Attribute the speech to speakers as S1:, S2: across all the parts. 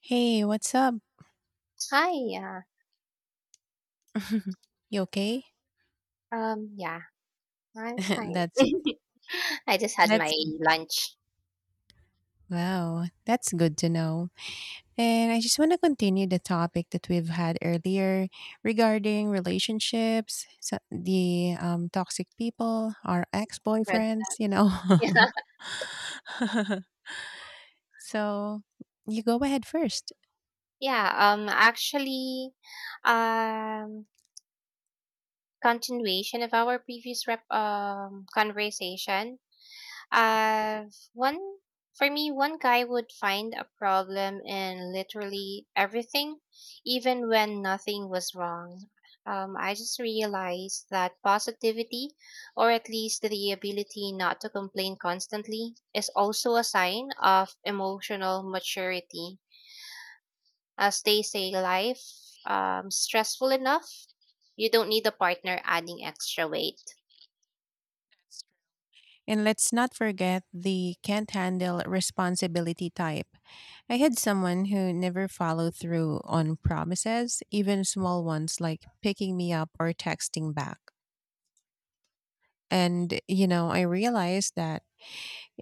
S1: Hey, what's up?
S2: Hi, yeah.
S1: You okay?
S2: Yeah, I'm fine.
S1: That's
S2: I just had
S1: that's
S2: my lunch.
S1: wow. That's good to know. And I just want to continue the topic that we've had earlier regarding relationships, so the toxic people, our
S2: Red
S1: ex-boyfriends, you
S2: Sox.
S1: know.
S2: Yeah.
S1: so you go ahead first.
S2: Yeah, actually, um continuation of our previous rep conversation. Uh, one For me, one guy would find a problem in literally everything, even when nothing was wrong. I just realized that positivity, or at least the ability not to complain constantly, is also a sign of emotional maturity. As they say, life stressful enough. You don't need a partner adding extra weight.
S1: And let's not forget the can't handle responsibility type. I had someone who never followed through on promises, even small ones like picking me up or texting back. And, you know, I realized that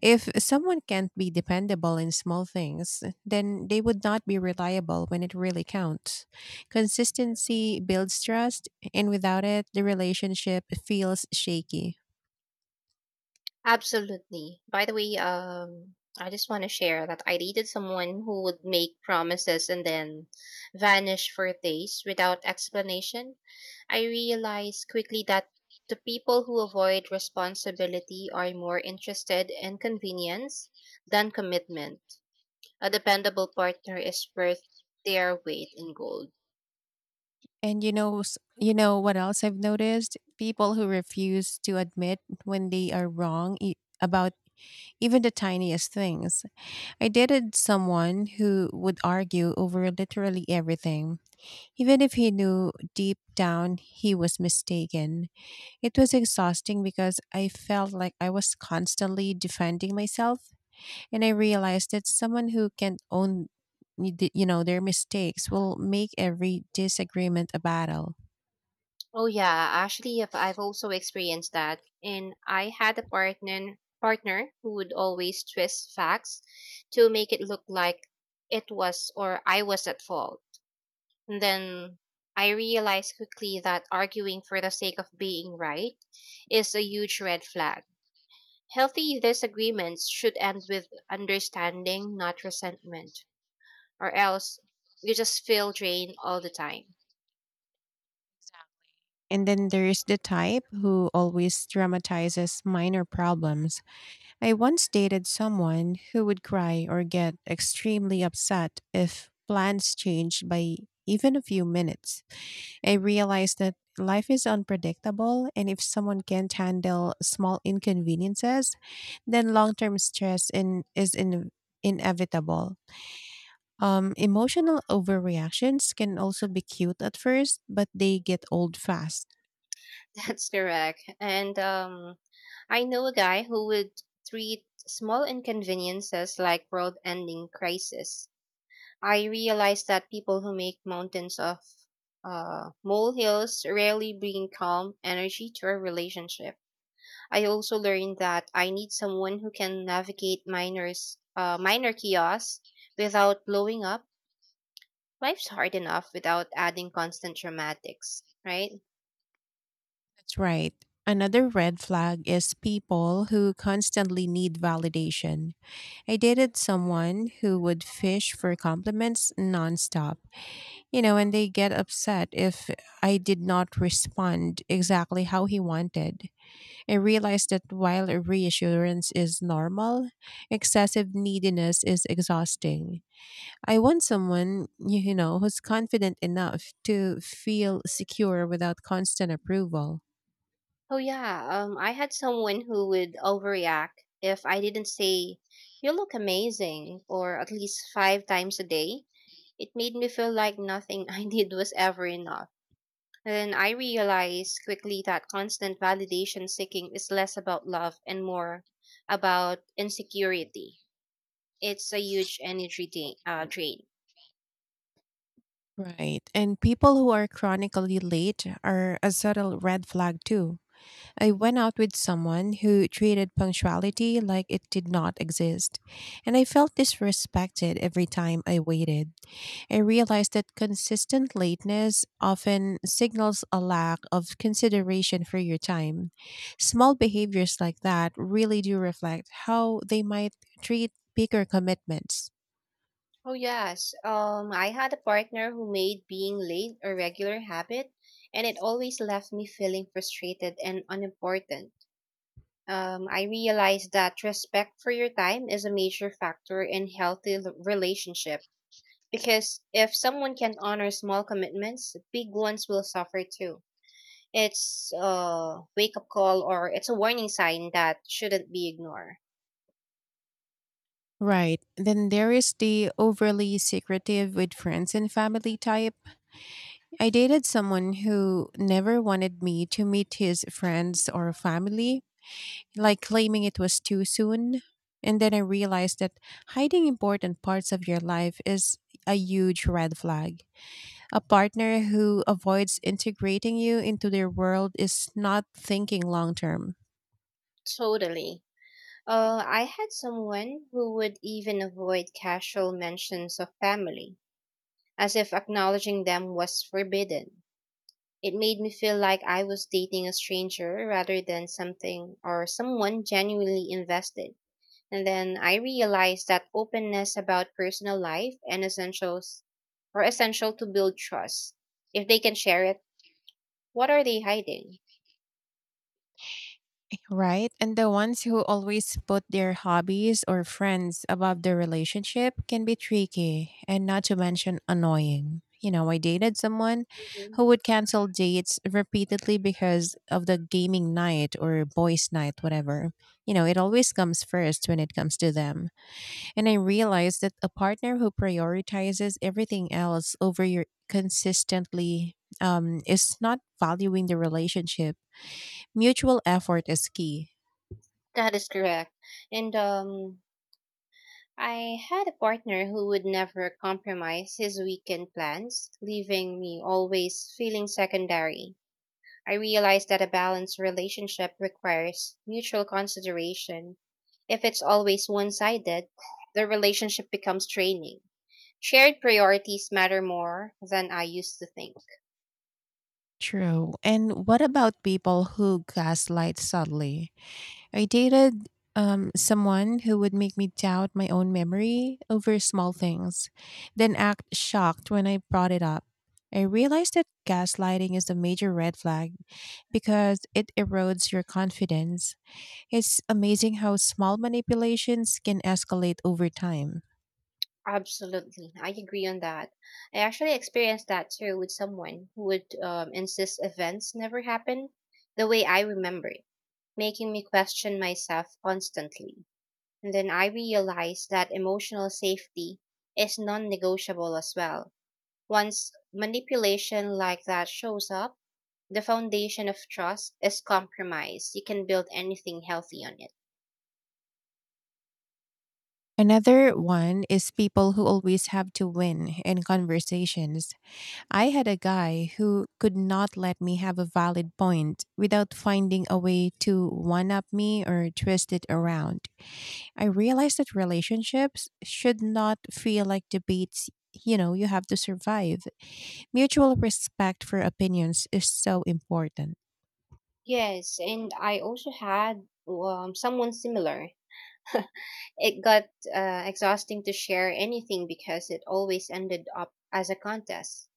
S1: if someone can't be dependable in small things, then they would not be reliable when it really counts. Consistency builds trust, and without it, the relationship feels shaky.
S2: Absolutely. By the way, I just want to share that I dated someone who would make promises and then vanish for days without explanation. I realized quickly that the people who avoid responsibility are more interested in convenience than commitment. A dependable partner is worth their weight in gold.
S1: And you know, you know what else I've noticed? People who refuse to admit when they are wrong about even the tiniest things. I dated someone who would argue over literally everything, even if he knew deep down he was mistaken. It was exhausting because I felt like I was constantly defending myself. And I realized that someone who can own, you know, their mistakes will make every disagreement a battle.
S2: Oh yeah, actually, if I've also experienced that, and I had a partner who would always twist facts to make it look like it was or I was at fault. And then I realized quickly that arguing for the sake of being right is a huge red flag. Healthy disagreements should end with understanding, not resentment, or else you just feel drained all the time.
S1: And then there is the type who always dramatizes minor problems. I once dated someone who would cry or get extremely upset if plans changed by even a few minutes. I realized that life is unpredictable, and if someone can't handle small inconveniences, then long term stress in, is in, inevitable. Emotional overreactions can also be cute at first, but they get old fast.
S2: That's correct. And I know a guy who would treat small inconveniences like world ending crisis. I realize that people who make mountains of molehills rarely bring calm energy to a relationship. I also learned that I need someone who can navigate minor chaos without blowing up. Life's hard enough without adding constant dramatics, right?
S1: That's right. Another red flag is people who constantly need validation. I dated someone who would fish for compliments nonstop, you know, and they get upset if I did not respond exactly how he wanted. I realized that while a reassurance is normal, excessive neediness is exhausting. I want someone, you know, who's confident enough to feel secure without constant approval.
S2: Oh yeah, I had someone who would overreact if I didn't say, "You look amazing," or at least five times a day. It made me feel like nothing I did was ever enough. Then I realized quickly that constant validation seeking is less about love and more about insecurity. It's a huge energy drain.
S1: Right. And people who are chronically late are a subtle red flag too. I went out with someone who treated punctuality like it did not exist, and I felt disrespected every time I waited. I realized that consistent lateness often signals a lack of consideration for your time. Small behaviors like that really do reflect how they might treat bigger commitments.
S2: Oh yes. I had a partner who made being late a regular habit, and it always left me feeling frustrated and unimportant. I realized that respect for your time is a major factor in healthy relationship because if someone can honor small commitments, big ones will suffer too. It's a wake up call or it's a warning sign that shouldn't be ignored.
S1: Right. Then there is the overly secretive with friends and family type. I dated someone who never wanted me to meet his friends or family, like claiming it was too soon. And then I realized that hiding important parts of your life is a huge red flag. A partner who avoids integrating you into their world is not thinking long term.
S2: Totally. I had someone who would even avoid casual mentions of family, as if acknowledging them was forbidden. It made me feel like I was dating a stranger rather than something or someone genuinely invested. And then I realized that openness about personal life and essentials are essential to build trust. If they can share it, what are they hiding?
S1: Right. And the ones who always put their hobbies or friends above their relationship can be tricky and not to mention annoying. You know, I dated someone
S2: Mhm.
S1: who would cancel dates repeatedly because of the gaming night or boys' night, whatever. You know, it always comes first when it comes to them. And I realized that a partner who prioritizes everything else over your consistently, is not valuing the relationship. Mutual effort is key.
S2: That is correct. And I had a partner who would never compromise his weekend plans, leaving me always feeling secondary. I realized that a balanced relationship requires mutual consideration. If it's always one sided, the relationship becomes draining. Shared priorities matter more than I used to think.
S1: True. And what about people who gaslight subtly? I dated someone who would make me doubt my own memory over small things, then act shocked when I brought it up. I realized that gaslighting is a major red flag because it erodes your confidence. It's amazing how small manipulations can escalate over time.
S2: Absolutely. I agree on that. I actually experienced that too with someone who would insist events never happen the way I remembered, making me question myself constantly. And then I realized that emotional safety is non negotiable as well. Once manipulation like that shows up, the foundation of trust is compromised. You can build anything healthy on it.
S1: Another one is people who always have to win in conversations. I had a guy who could not let me have a valid point without finding a way to one up me or twist it around. I realized that relationships should not feel like debates, you know, you have to survive. Mutual respect for opinions is so important.
S2: Yes, and I also had someone similar. It got exhausting to share anything because it always ended up as a contest.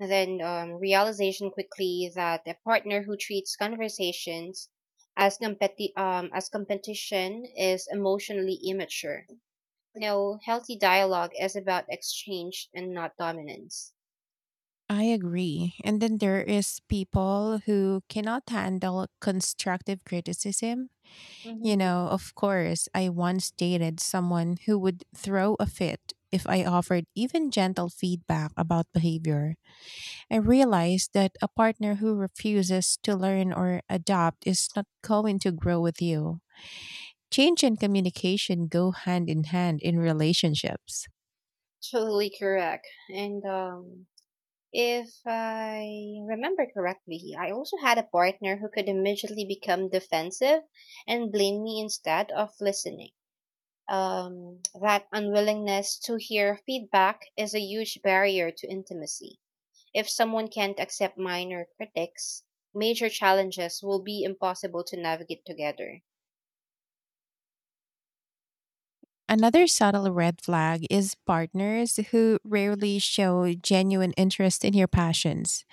S2: Then realization quickly that a partner who treats conversations as competition is emotionally immature. You know, healthy dialogue is about exchange and not dominance.
S1: I agree. And then there is people who cannot handle constructive criticism. You
S2: Hmm.
S1: know, of course, I once dated someone who would throw a fit if I offered even gentle feedback about behavior. I realized that a partner who refuses to learn or adapt is not going to grow with you. Change and communication go hand in hand in relationships.
S2: Totally correct. And if I remember correctly, I also had a partner who could immediately become defensive and blame me instead of listening. That unwillingness to hear feedback is a huge barrier to intimacy. If someone can't accept minor critics, major challenges will be impossible to navigate together.
S1: Another subtle red flag is partners who rarely show genuine interest in your passions.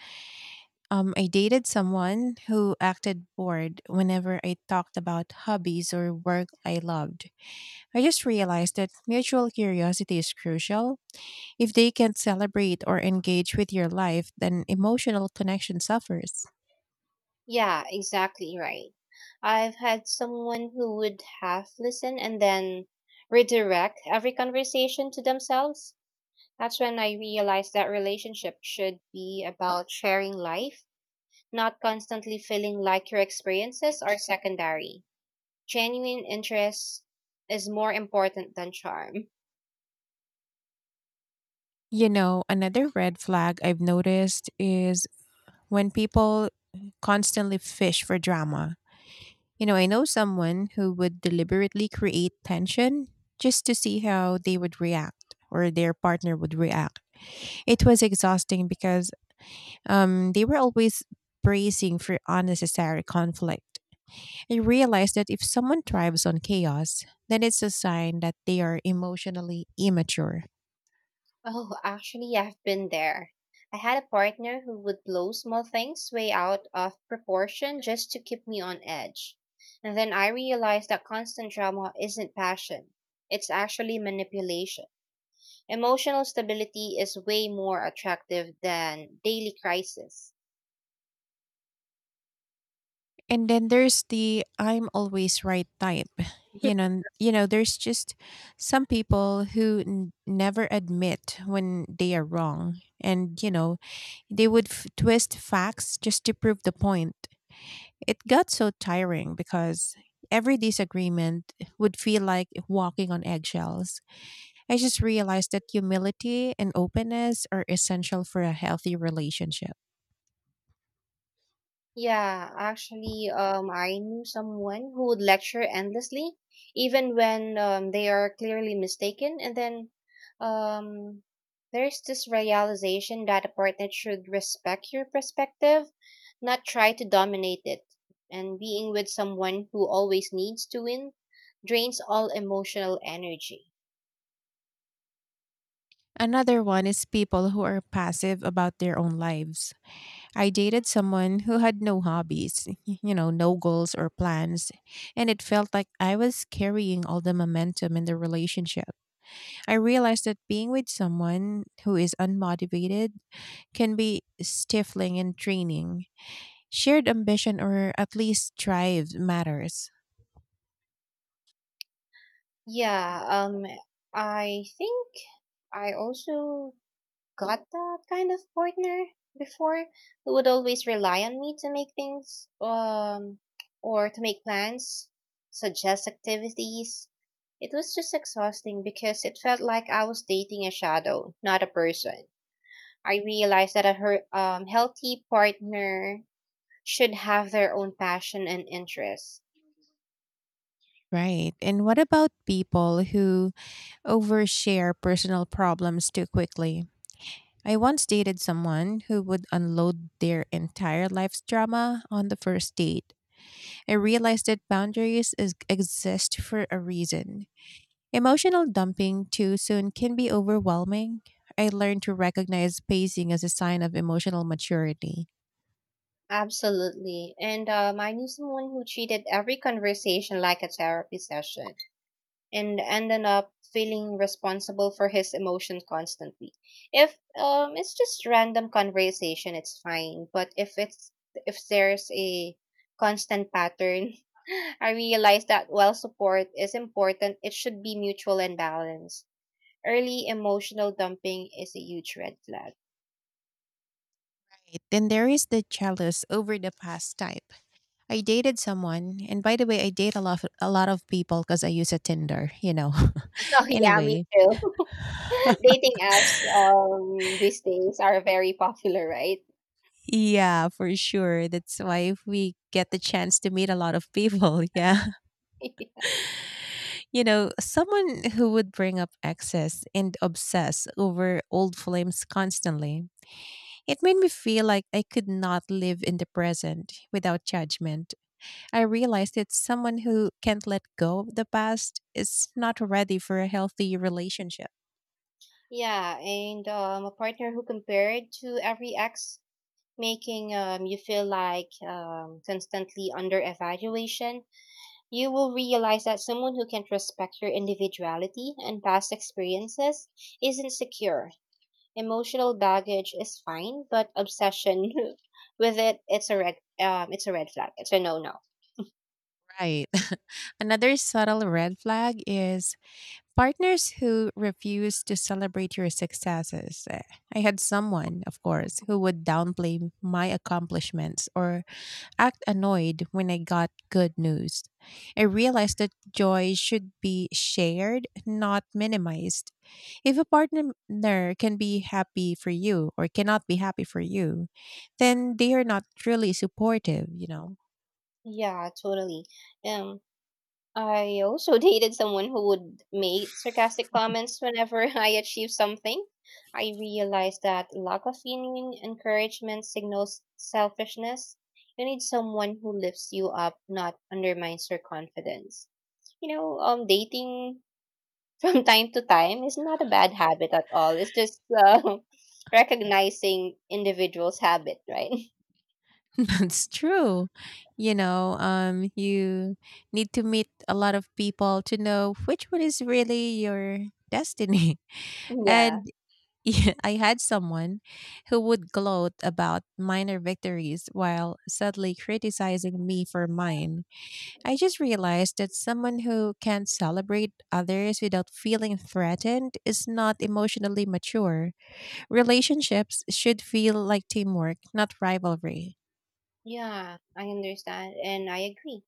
S1: I dated someone who acted bored whenever I talked about hobbies or work I loved. I just realized that mutual curiosity is crucial. If they can't celebrate or engage with your life, then emotional connection suffers.
S2: Yeah, exactly right. I've had someone who would half listen and then redirect every conversation to themselves. That's when I realized that relationship should be about sharing life, not constantly feeling like your experiences are secondary. Genuine interest is more important than charm.
S1: You know, another red flag I've noticed is when people constantly fish for drama. You know, I know someone who would deliberately create tension just to see how they would react or their partner would react. It was exhausting because they were always bracing for unnecessary conflict. I realized that if someone thrives on chaos, then it's a sign that they are emotionally immature.
S2: Oh, actually, yeah, I've been there. I had a partner who would blow small things way out of proportion just to keep me on edge. And then I realized that constant drama isn't passion, it's actually manipulation. Emotional stability is way more attractive than daily crisis.
S1: And then there's the I'm always right type. You know, you know, there's just some people who never admit when they are wrong. And you know, they would twist facts just to prove the point. It got so tiring because every disagreement would feel like walking on eggshells. I just realized that humility and openness are essential for a healthy relationship.
S2: Yeah, actually, I knew someone who would lecture endlessly, even when they are clearly mistaken. And then um, there's this realization that a partner should respect your perspective, not try to dominate it. And being with someone who always needs to win drains all emotional energy.
S1: Another one is people who are passive about their own lives. I dated someone who had no hobbies, you know, no goals or plans, and it felt like I was carrying all the momentum in the relationship. I realized that being with someone who is unmotivated can be stifling and draining. Shared ambition or at least drive matters.
S2: Yeah, I think I also got that kind of partner before who would always rely on me to make things or to make plans, suggest activities. It was just exhausting because it felt like I was dating a shadow, not a person. I realized that a healthy partner should have their own passion and interests.
S1: Right. And what about people who overshare personal problems too quickly? I once dated someone who would unload their entire life's drama on the first date. I realized that exist for a reason. Emotional dumping too soon can be overwhelming. I learned to recognize pacing as a sign of emotional maturity.
S2: Absolutely. And I knew someone who treated every conversation like a therapy session and ended up feeling responsible for his emotions constantly. If it's just random conversation, it's fine. But if there's a constant pattern, I realize that while support is important, it should be mutual and balanced. Early emotional dumping is a huge red flag.
S1: Right? Then there is the jealous over the past type. I dated someone, and by the way, I date a lot of people because I use a Tinder, you know.
S2: Oh yeah, me
S1: Anyway,
S2: too. Dating apps these days are very popular, right?
S1: yeah, for sure. That's why if we get the chance to meet a lot of people, yeah. You know, someone who would bring up exes and obsess over old flames constantly. It made me feel like I could not live in the present without judgment. I realized that someone who can't let go of the past is not ready for a healthy relationship.
S2: Yeah, and a partner who compared to every ex, making you feel like constantly under evaluation. You will realize that someone who can respect your individuality and past experiences isn't secure. Emotional baggage is fine, but obsession with it, it's a red flag. It's a no-no.
S1: Right. Another subtle red flag is partners who refuse to celebrate your successes. Eh, I had someone, of course, who would downplay my accomplishments or act annoyed when I got good news. I realized that joy should be shared, not minimized. If a partner can be happy for you or cannot be happy for you, then they are not truly supportive, you know?
S2: Yeah, totally. Um, I also dated someone who would make sarcastic comments whenever I achieved something. I realized that lack of genuine encouragement signals selfishness. You need someone who lifts you up, not undermines your confidence. Dating from time to time is not a bad habit at all. It's just recognizing individuals' habit, right?
S1: That's true. You know, you need to meet a lot of people to know which one is really your destiny.
S2: Yeah.
S1: And yeah, I had someone who would gloat about minor victories while subtly criticizing me for mine. I just realized that someone who can celebrate others without feeling threatened is not emotionally mature. Relationships should feel like teamwork, not rivalry.
S2: Yeah, I understand and I agree.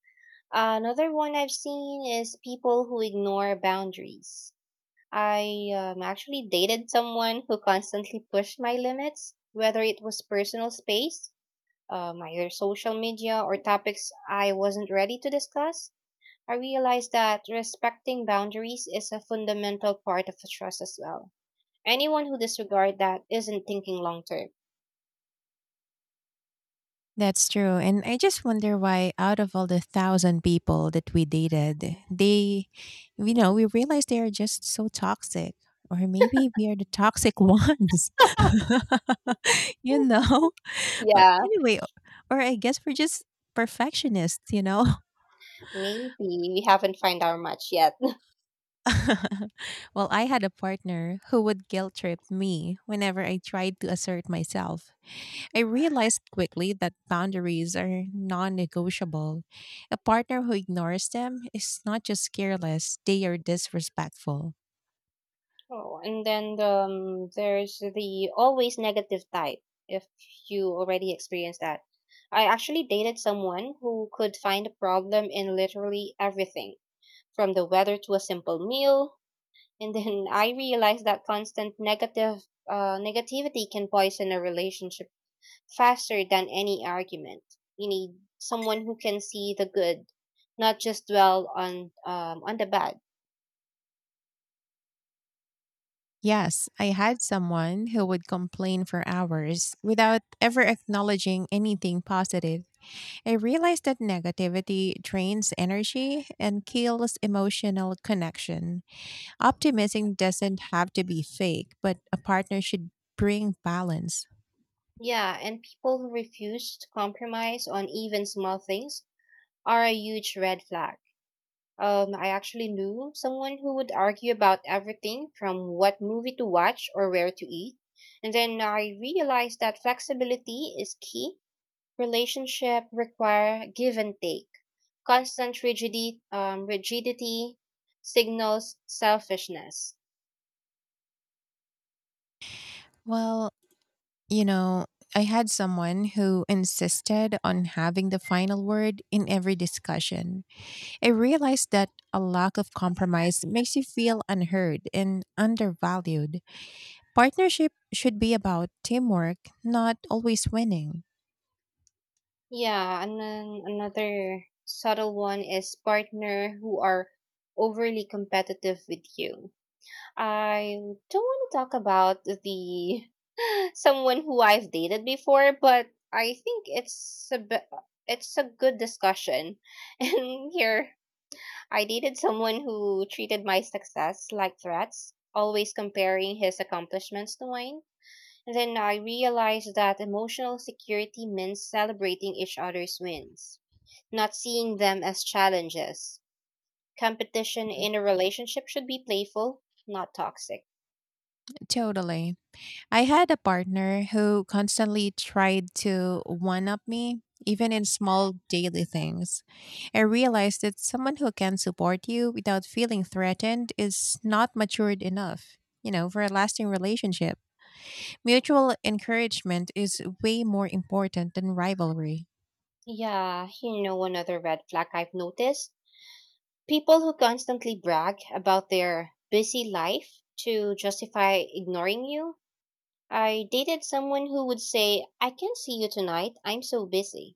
S2: Another one I've seen is people who ignore boundaries. I actually dated someone who constantly pushed my limits, whether it was personal space, either social media, or topics I wasn't ready to discuss. I realized that respecting boundaries is a fundamental part of trust as well. Anyone who disregards that isn't thinking long term.
S1: That's true. And I just wonder why out of all the thousand people that we dated, they, you know, we realize they are just so toxic. Or maybe we are the toxic ones. You know? But
S2: Yeah,
S1: anyway, or I guess we're just perfectionists, you know?
S2: maybe we haven't found our match yet.
S1: Well, I had a partner who would guilt trip me whenever I tried to assert myself. I realized quickly that boundaries are non negotiable. A partner who ignores them is not just careless, they are disrespectful.
S2: Oh, and then there's the always negative type, if you already experienced that. I actually dated someone who could find a problem in literally everything, from the weather to a simple meal. And then I realized that constant negative negativity can poison a relationship faster than any argument. You need someone who can see the good, not just dwell on the bad.
S1: Yes, I had someone who would complain for hours without ever acknowledging anything positive. I realized that negativity drains energy and kills emotional connection. Optimism doesn't have to be fake, but a partner should bring balance.
S2: Yeah, and people who refuse to compromise on even small things are a huge red flag. I actually knew someone who would argue about everything from what movie to watch or where to eat. And then I realized that flexibility is key. Relationship require give and take. Constant rigidity signals selfishness.
S1: Well, you know, I had someone who insisted on having the final word in every discussion. I realized that a lack of compromise makes you feel unheard and undervalued. Partnership should be about teamwork, not always winning.
S2: Yeah, and then another subtle one is partner who are overly competitive with you. I don't want to talk about the someone who I've dated before, but I think it's a good discussion. And here, I dated someone who treated my success like threats, always comparing his accomplishments to mine. Then I realized that emotional security means celebrating each other's wins not seeing them as challenges. Competition in a relationship should be playful, not toxic.
S1: Totally. I had a partner who constantly tried to one up me, even in small daily things. I realized that someone who can support you without feeling threatened is not matured enough, you know, for a lasting relationship. Mutual encouragement is way more important than rivalry.
S2: Yeah, another red flag I've noticed people who constantly brag about their busy life to justify ignoring you. I dated someone who would say, "I can't see you tonight, I'm so busy,"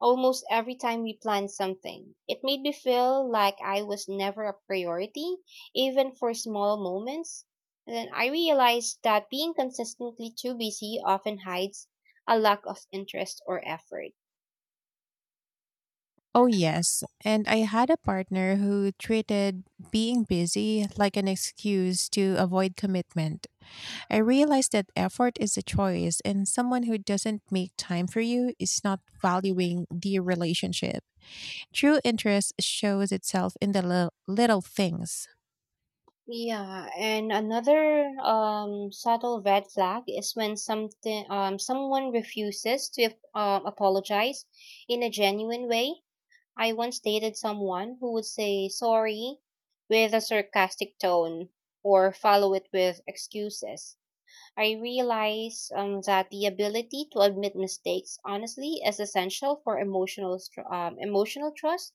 S2: almost every time we planned something. It made me feel like I was never a priority, even for small moments. And then I realized that being consistently too busy often hides a lack of interest or effort.
S1: Oh, yes. And I had a partner who treated being busy like an excuse to avoid commitment. I realized that effort is a choice, and someone who doesn't make time for you is not valuing the relationship. True interest shows itself in the li- little things.
S2: Yeah, and another subtle red flag is when something someone refuses to apologize in a genuine way. I once dated someone who would say sorry with a sarcastic tone or follow it with excuses. I realize that the ability to admit mistakes honestly is essential for emotional trust.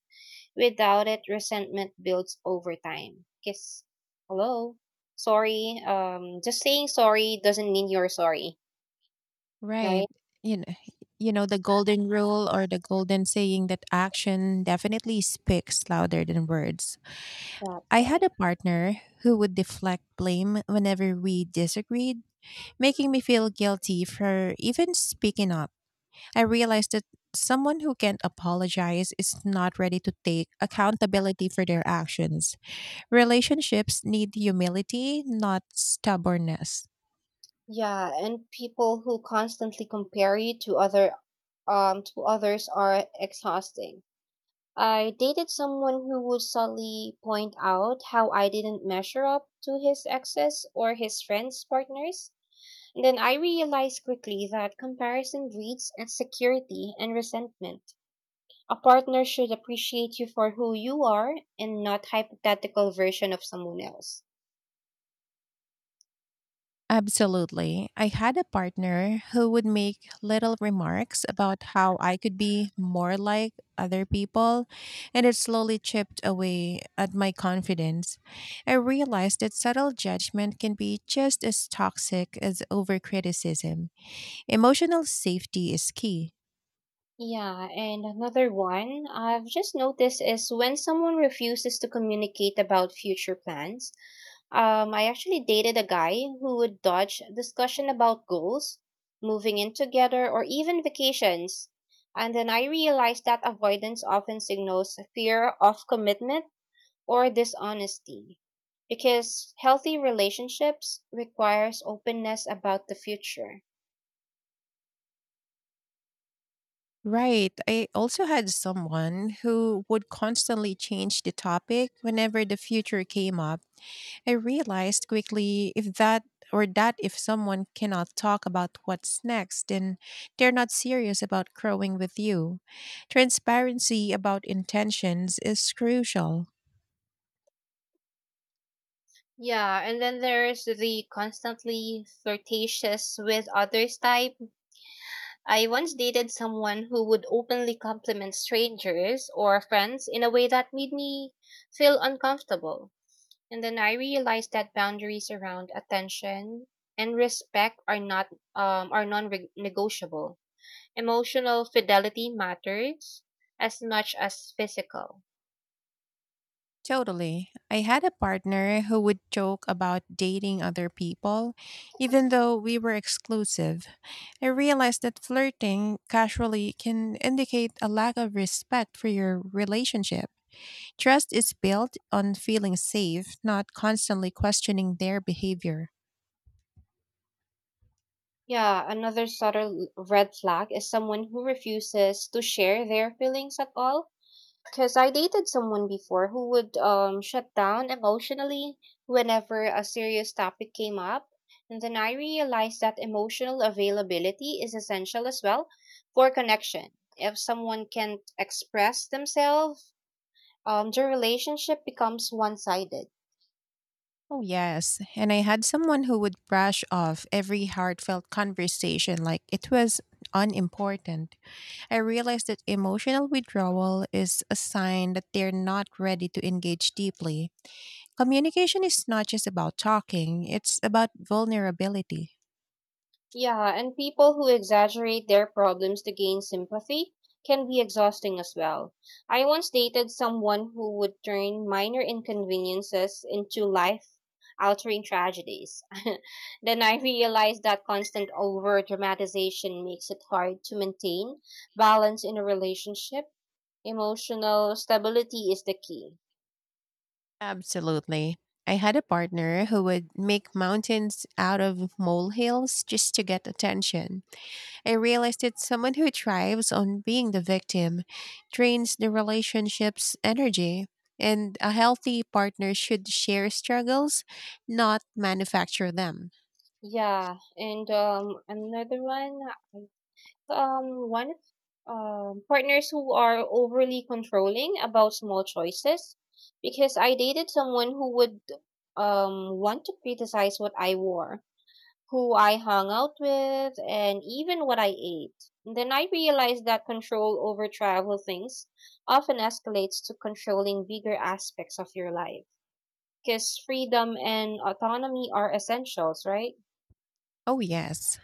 S2: Without it, resentment builds over time. Because, hello, sorry. Just saying sorry doesn't mean you're sorry, right?
S1: Right. You know, you know the golden rule or the golden saying that action definitely speaks louder than words.
S2: That's
S1: I had
S2: right.
S1: a partner who would deflect blame whenever we disagreed, making me feel guilty for even speaking up. I realized that someone who can't apologize is not ready to take accountability for their actions. Relationships need humility, not stubbornness.
S2: Yeah, and people who constantly compare you to others are exhausting. I dated someone who would subtly point out how I didn't measure up to his exes or his friends' partners. And then I realized quickly that comparison breeds insecurity and resentment. A partner should appreciate you for who you are and not hypothetical version of someone else.
S1: Absolutely. I had a partner who would make little remarks about how I could be more like other people, and it slowly chipped away at my confidence. I realized that subtle judgment can be just as toxic as overcriticism. Emotional safety is key.
S2: Yeah, and another one I've just noticed is when someone refuses to communicate about future plans. I actually dated a guy who would dodge discussion about goals, moving in together, or even vacations. And then I realized that avoidance often signals a fear of commitment or dishonesty. Because healthy relationships requires openness about the future.
S1: Right. I also had someone who would constantly change the topic whenever the future came up. I realized quickly if that or that if someone cannot talk about what's next, then they're not serious about growing with you. Transparency about intentions is crucial.
S2: Yeah, and then there's the constantly flirtatious with others type. I once dated someone who would openly compliment strangers or friends in a way that made me feel uncomfortable. And then I realized that boundaries around attention and respect are not are non-negotiable. Emotional fidelity matters as much as physical.
S1: Totally. I had a partner who would joke about dating other people, even though we were exclusive. I realized that flirting casually can indicate a lack of respect for your relationship. Trust is built on feeling safe, not constantly questioning their behavior.
S2: Yeah, another subtle red flag is someone who refuses to share their feelings at all. Because I dated someone before who would shut down emotionally whenever a serious topic came up. And then I realized that emotional availability is essential as well for connection. If someone can't express themselves, the relationship becomes one sided.
S1: Oh, yes. And I had someone who would brush off every heartfelt conversation like it was unimportant. I realized that emotional withdrawal is a sign that they're not ready to engage deeply. Communication is not just about talking, it's about vulnerability.
S2: Yeah, and people who exaggerate their problems to gain sympathy can be exhausting as well. I once dated someone who would turn minor inconveniences into life altering tragedies. Then I realized that constant over dramatization makes it hard to maintain balance in a relationship. Emotional stability is the key.
S1: Absolutely. I had a partner who would make mountains out of molehills just to get attention. I realized that someone who thrives on being the victim drains the relationship's energy. And a healthy partner should share struggles, not manufacture them.
S2: Yeah, and another one one partners who are overly controlling about small choices because I dated someone who would want to criticize what I wore, who I hung out with, and even what I ate. And then I realized that control over travel things often escalates to controlling bigger aspects of your life. Because freedom and autonomy are essentials, right?
S1: Oh, yes.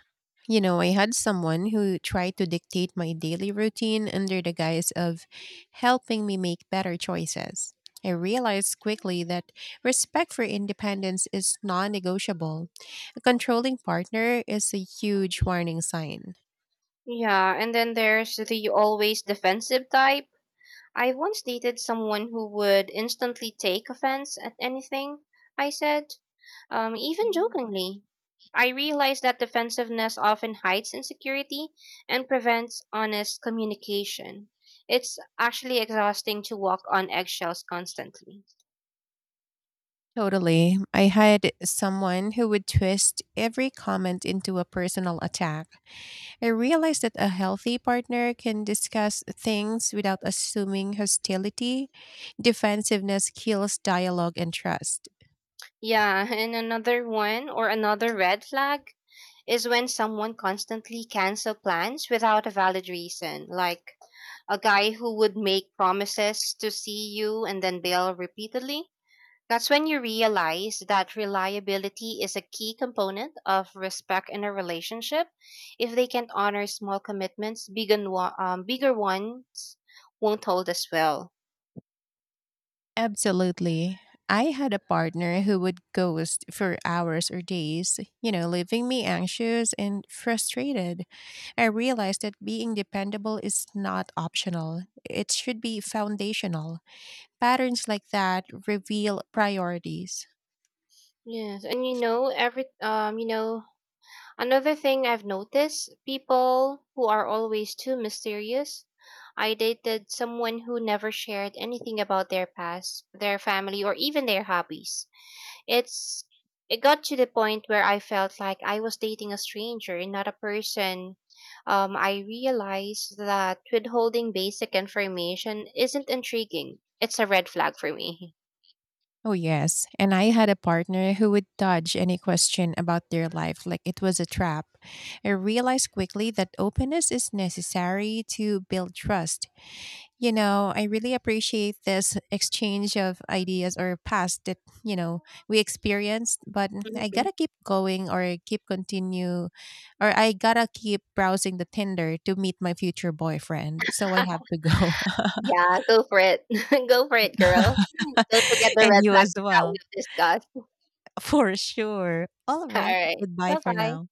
S1: You know, I had someone who tried to dictate my daily routine under the guise of helping me make better choices. I realized quickly that respect for independence is non negotiable. A controlling partner is a huge warning sign.
S2: Yeah, and then there's the always defensive type. I once dated someone who would instantly take offense at anything I said, even
S1: Mhm.
S2: jokingly. I realized that defensiveness often hides insecurity and prevents honest communication. It's actually exhausting to walk on eggshells constantly.
S1: Totally. I had someone who would twist every comment into a personal attack. I realized that a healthy partner can discuss things without assuming hostility. Defensiveness kills dialogue and trust.
S2: Yeah, and another one or another red flag is when someone constantly cancel plans without a valid reason, like a guy who would make promises to see you and then bail repeatedly. That's when you realize that reliability is a key component of respect in a relationship. If they can't honor small commitments, bigger ones won't hold as well.
S1: Absolutely. I had a partner who would ghost for hours or days, you know, leaving me anxious and frustrated. I realized that being dependable is not optional, it should be foundational. Patterns like that reveal priorities.
S2: Yes, and you know every you know Another thing I've noticed people who are always too mysterious. I dated someone who never shared anything about their past, their family, or even their hobbies. It's it got to the point where I felt like I was dating a stranger, not a person. I realized that withholding basic information isn't intriguing. It's a red flag for me.
S1: Oh, yes. And I had a partner who would dodge any question about their life like it was a trap. I realized quickly that openness is necessary to build trust. You know, I really appreciate this exchange of ideas or past that, you know, we experienced, but I
S2: Mhm.
S1: gotta keep going or keep continue or I gotta keep browsing the Tinder to meet my future boyfriend. So I have to go.
S2: Yeah, go for it. Go for it, girl. Don't forget the
S1: And
S2: red
S1: you as
S2: flags that
S1: well.
S2: we've discussed.
S1: For sure. All
S2: All
S1: right.
S2: right.
S1: Goodbye
S2: Bye
S1: for
S2: bye.
S1: now.